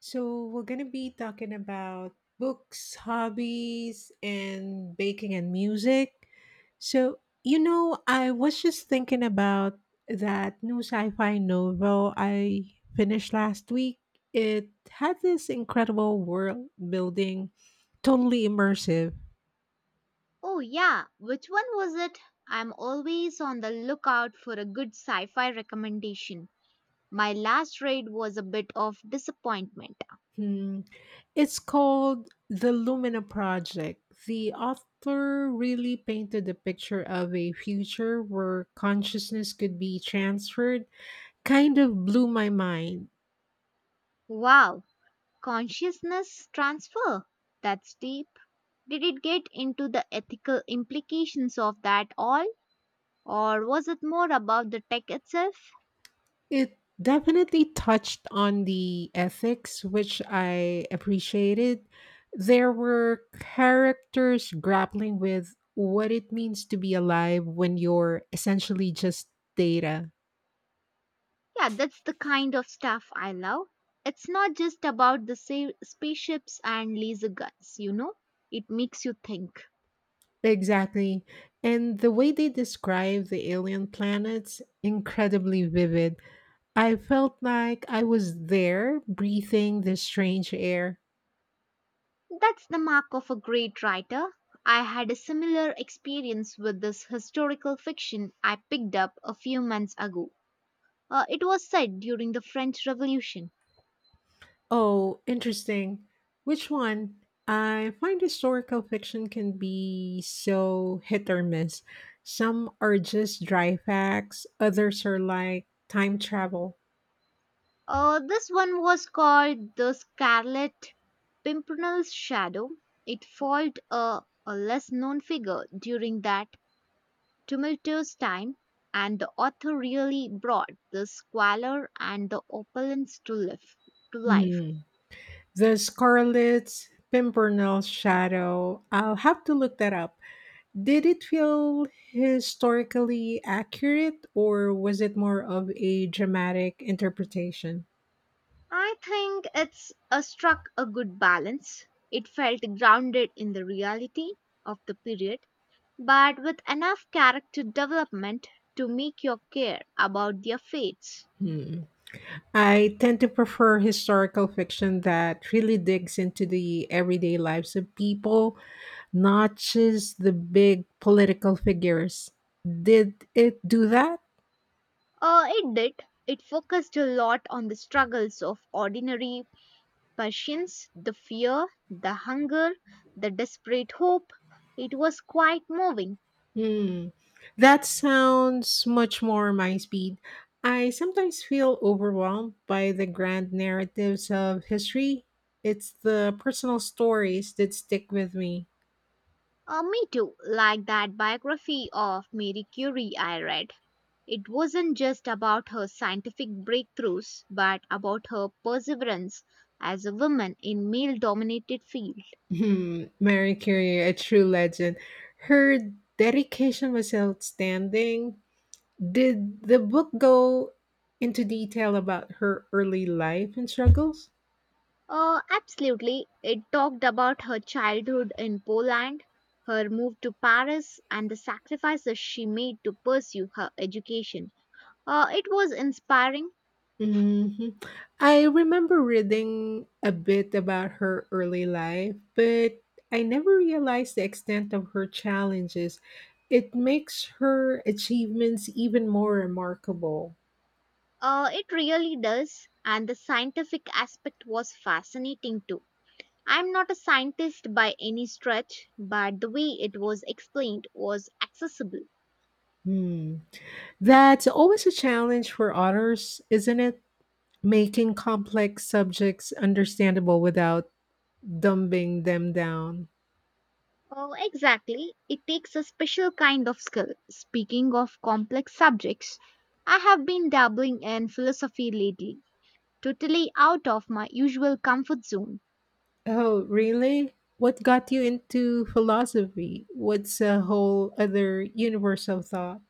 So, we're going to be talking about books, hobbies, and baking and music. So, I was just thinking about that new sci fi novel I finished last week. It had this incredible world building. Totally immersive. Oh, yeah, which one was it? I'm always on the lookout for a good sci fi recommendation. My last read was a bit of disappointment. Hmm. It's called The Lumina Project. The author really painted a picture of a future where consciousness could be transferred, kind of blew my mind. Wow, consciousness transfer? That's deep. Did it get into the ethical implications of that all? Or was it more about the tech itself? It definitely touched on the ethics, which I appreciated. There were characters grappling with what it means to be alive when you're essentially just data. Yeah, that's the kind of stuff I love. It's not just about the spaceships and laser guns, you know? It makes you think. Exactly. And the way they describe the alien planets, incredibly vivid. I felt like I was there breathing the strange air. That's the mark of a great writer. I had a similar experience with this historical fiction I picked up a few months ago. It was set during the French Revolution. Oh, interesting. Which one? I find historical fiction can be so hit or miss. Some are just dry facts, others are like time travel. This one was called The Scarlet Pimpernel's Shadow. It followed a less known figure during that tumultuous time, and the author really brought the squalor and the opulence to life. To life. Mhm. The Scarlet Pimpernel Shadow. I'll have to look that up. Did it feel historically accurate or was it more of a dramatic interpretation? I think it's struck a good balance. It felt grounded in the reality of the period, but with enough character development to make you care about their fates. Hmm. I tend to prefer historical fiction that really digs into the everyday lives of people, not just the big political figures. Did it do that? It did. It focused a lot on the struggles of ordinary Persians, the fear, the hunger, the desperate hope. It was quite moving. Hmm. That sounds much more my speed. I sometimes feel overwhelmed by the grand narratives of history. It's the personal stories that stick with me. Me too, like that biography of Marie Curie I read. It wasn't just about her scientific breakthroughs, but about her perseverance as a woman in male dominated field. Hmm. Mary Curie, a true legend. Her dedication was outstanding. Did the book go into detail about her early life and struggles? Absolutely. It talked about her childhood in Poland, her move to Paris, and the sacrifices she made to pursue her education. It was inspiring. Mhm. I remember reading a bit about her early life, but I never realized the extent of her challenges. It makes her achievements even more remarkable. It really does. And the scientific aspect was fascinating too. I'm not a scientist by any stretch, but the way it was explained was accessible. Hmm. That's always a challenge for authors, isn't it? Making complex subjects understandable without dumbing them down. Oh, exactly. It takes a special kind of skill. Speaking of complex subjects, I have been dabbling in philosophy lately, totally out of my usual comfort zone. Oh, really? What got you into philosophy? What's a whole other universe of thought?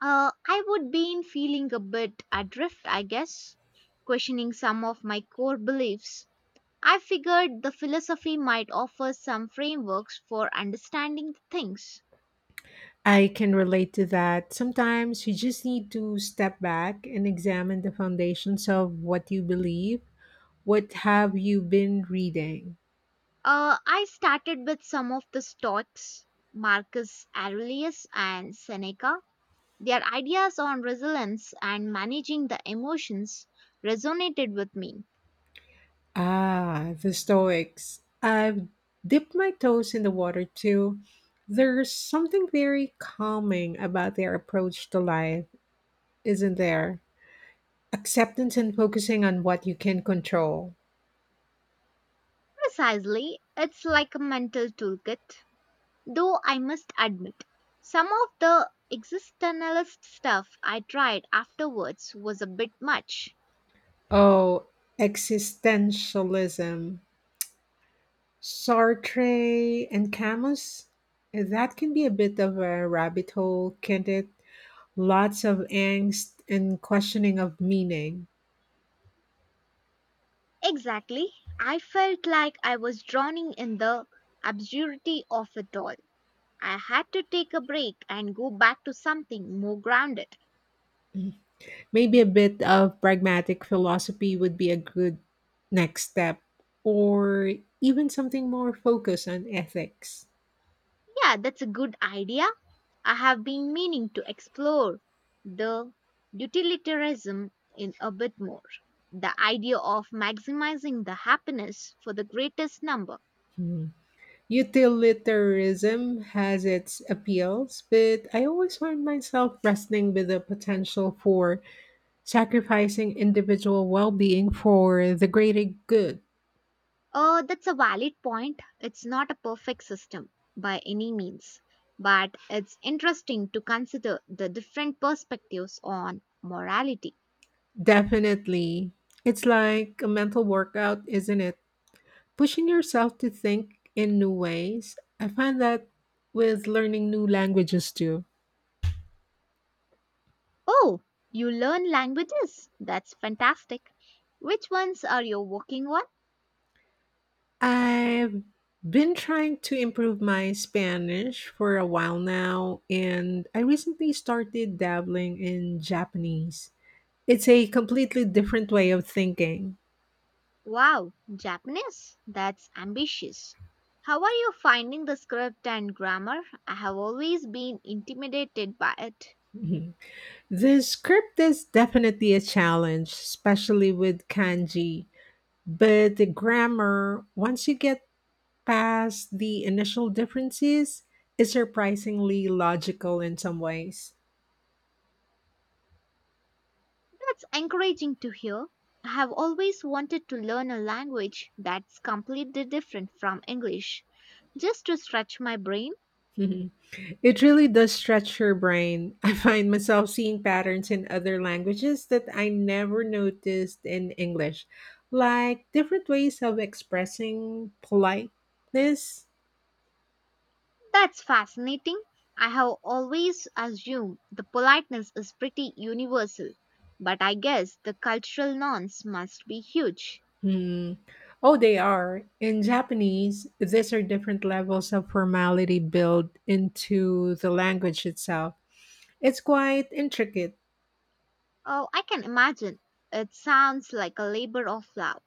I would be in feeling a bit adrift, I guess, questioning some of my core beliefs. I figured the philosophy might offer some frameworks for understanding things. I can relate to that. Sometimes you just need to step back and examine the foundations of what you believe. What have you been reading? I started with some of the Stoics, Marcus Aurelius and Seneca. Their ideas on resilience and managing the emotions resonated with me. Ah, the Stoics. I've dipped my toes in the water too. There's something very calming about their approach to life, isn't there? Acceptance and focusing on what you can control. Precisely, it's like a mental toolkit, though I must admit, some of the existentialist stuff I tried afterwards was a bit much. Oh, existentialism. Sartre and Camus? That can be a bit of a rabbit hole, can't it? Lots of angst and questioning of meaning. Exactly, I felt like I was drowning in the absurdity of it all. I had to take a break and go back to something more grounded. Maybe a bit of pragmatic philosophy would be a good next step, or even something more focused on ethics. Yeah, that's a good idea. I have been meaning to explore the utilitarianism in a bit more. The idea of maximizing the happiness for the greatest number. Hmm. Utilitarianism has its appeals, but I always find myself wrestling with the potential for sacrificing individual well-being for the greater good. That's a valid point. It's not a perfect system by any means, but it's interesting to consider the different perspectives on morality. Definitely. It's like a mental workout, isn't it? Pushing yourself to think in new ways. I find that with learning new languages too. Oh, you learn languages. That's fantastic. Which ones are you working on? I've been trying to improve my Spanish for a while now, and I recently started dabbling in Japanese. It's a completely different way of thinking. Wow, Japanese. That's ambitious. How are you finding the script and grammar? I have always been intimidated by it. The script is definitely a challenge, especially with kanji, but the grammar, once you get past the initial differences, is surprisingly logical in some ways. That's encouraging to hear. I have always wanted to learn a language that's completely different from English, just to stretch my brain. Mhm. It really does stretch your brain. I find myself seeing patterns in other languages that I never noticed in English, like different ways of expressing politeness. That's fascinating. I have always assumed the politeness is pretty universal, but I guess the cultural norms must be huge. Hmm. Oh, they are. In Japanese, these are different levels of formality built into the language itself. It's quite intricate. Oh, I can imagine. It sounds like a labor of love.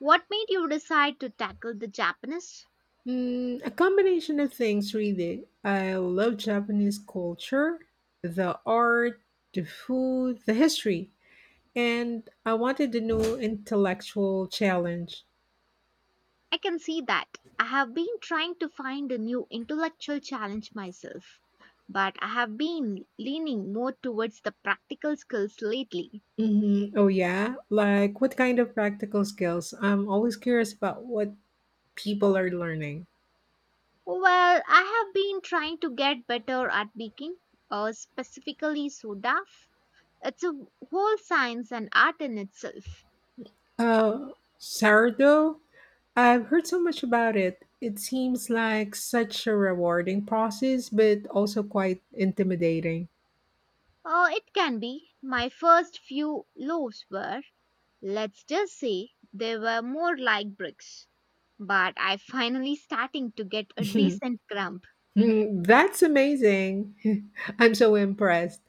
What made you decide to tackle the Japanese? Hmm, a combination of things, really. I love Japanese culture, the art, the food, the history, and I wanted a new intellectual challenge. I can see that. I have been trying to find a new intellectual challenge myself, but I have been leaning more towards the practical skills lately. Hmm Oh, yeah. Like, what kind of practical skills? I'm always curious about what people are learning. Well, I have been trying to get better at baking, specifically soda. It's a whole science and art in itself. Uh, Sourdough? I've heard so much about it. It seems like such a rewarding process, but also quite intimidating. It can be. My first few loaves were, let's just say, they were more like bricks. But I finally starting to get a decent crumb. Hmm, That's amazing. I'm so impressed.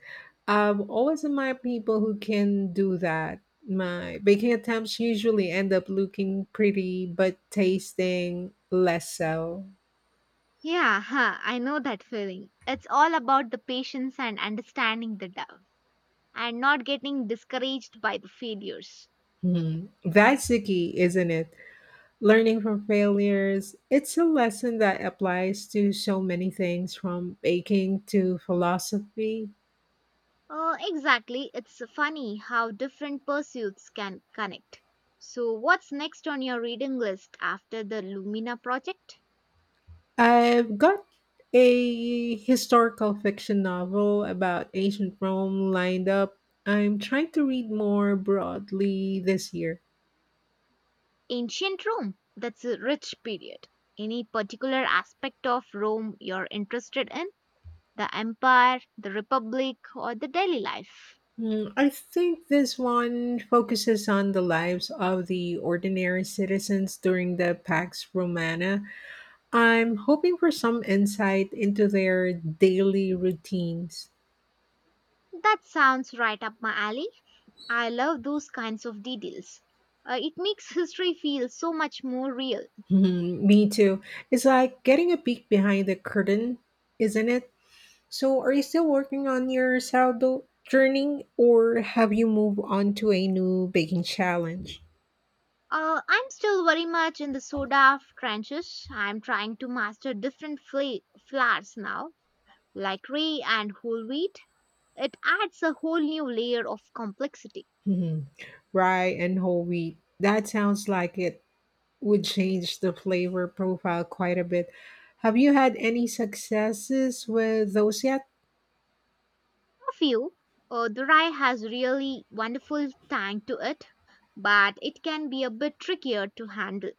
I've always admired people who can do that. My baking attempts usually end up looking pretty, but tasting less so. Yeah, huh, I know that feeling. It's all about the patience and understanding the dough, and not getting discouraged by the failures. Hmm, That's the key, isn't it? Learning from failures, it's a lesson that applies to so many things from baking to philosophy. Exactly. It's funny how different pursuits can connect. So, what's next on your reading list after the Lumina project? I've got a historical fiction novel about ancient Rome lined up. I'm trying to read more broadly this year. Ancient Rome. That's a rich period. Any particular aspect of Rome you're interested in? The empire, the republic, or the daily life? Mm, I think this one focuses on the lives of the ordinary citizens during the Pax Romana. I'm hoping for some insight into their daily routines. That sounds right up my alley. I love those kinds of details. It makes history feel so much more real. Mhm, Me too. It's like getting a peek behind the curtain, isn't it? So, are you still working on your sourdough journey or have you moved on to a new baking challenge? I'm still very much in the soda trenches. I'm trying to master different flours now, like rye and whole wheat. It adds a whole new layer of complexity. Mhm. Rye and whole wheat. That sounds like it would change the flavor profile quite a bit. Have you had any successes with those yet? Of you, the rye has really wonderful tang to it, but it can be a bit trickier to handle.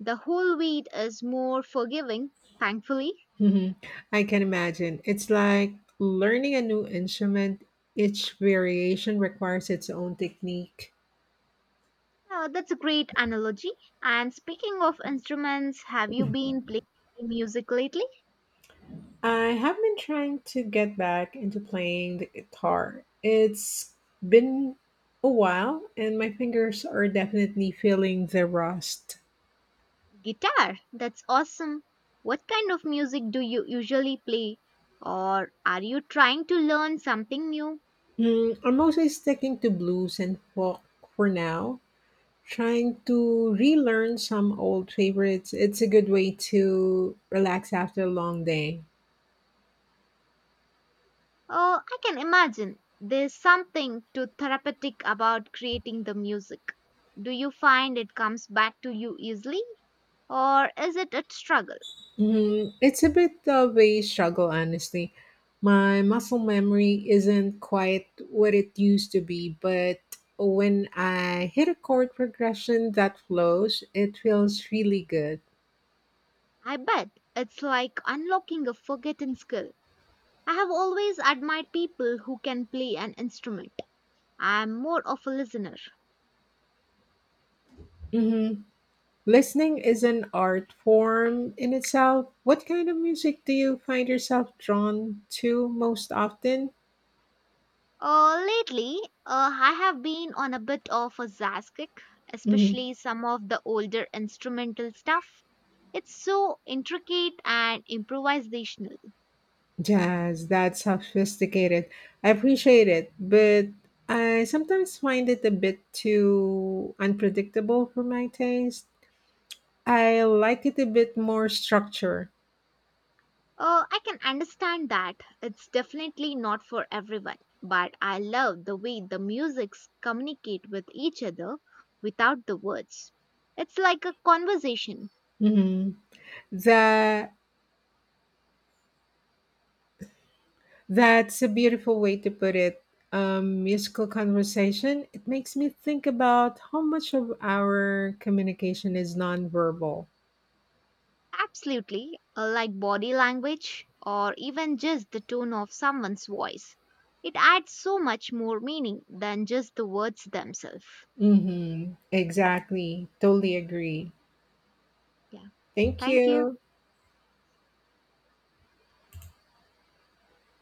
The whole wheat is more forgiving, thankfully. Mhm. I can imagine. It's like learning a new instrument, each variation requires its own technique. That's a great analogy. And speaking of instruments, have you been playing any music lately? I have been trying to get back into playing the guitar. It's been a while, and my fingers are definitely feeling the rust. Guitar, that's awesome. What kind of music do you usually play? Or are you trying to learn something new? Mm, I'm mostly sticking to blues and folk for now, trying to relearn some old favorites. It's a good way to relax after a long day. Oh, I can imagine there's something to therapeutic about creating the music. Do you find it comes back to you easily? Or is it a struggle? Mm, it's a bit of a struggle, honestly. My muscle memory isn't quite what it used to be, but when I hit a chord progression that flows, it feels really good. I bet it's like unlocking a forgotten skill. I have always admired people who can play an instrument. I'm more of a listener. Hmm Listening is an art form in itself. What kind of music do you find yourself drawn to most often? Lately, I have been on a bit of a jazz kick, Mhm. especially some of the older instrumental stuff. It's so intricate and improvisational. Jazz, that's sophisticated. I appreciate it, but I sometimes find it a bit too unpredictable for my taste. I like it a bit more structure. I can understand that. It's definitely not for everyone, but I love the way the musics communicate with each other without the words. It's like a conversation. Hmm That that's a beautiful way to put it. Musical conversation. It makes me think about how much of our communication is nonverbal. Absolutely, like body language or even just the tone of someone's voice. It adds so much more meaning than just the words themselves. Mm-hmm. Exactly. Totally agree. Yeah, Thank thank you. you.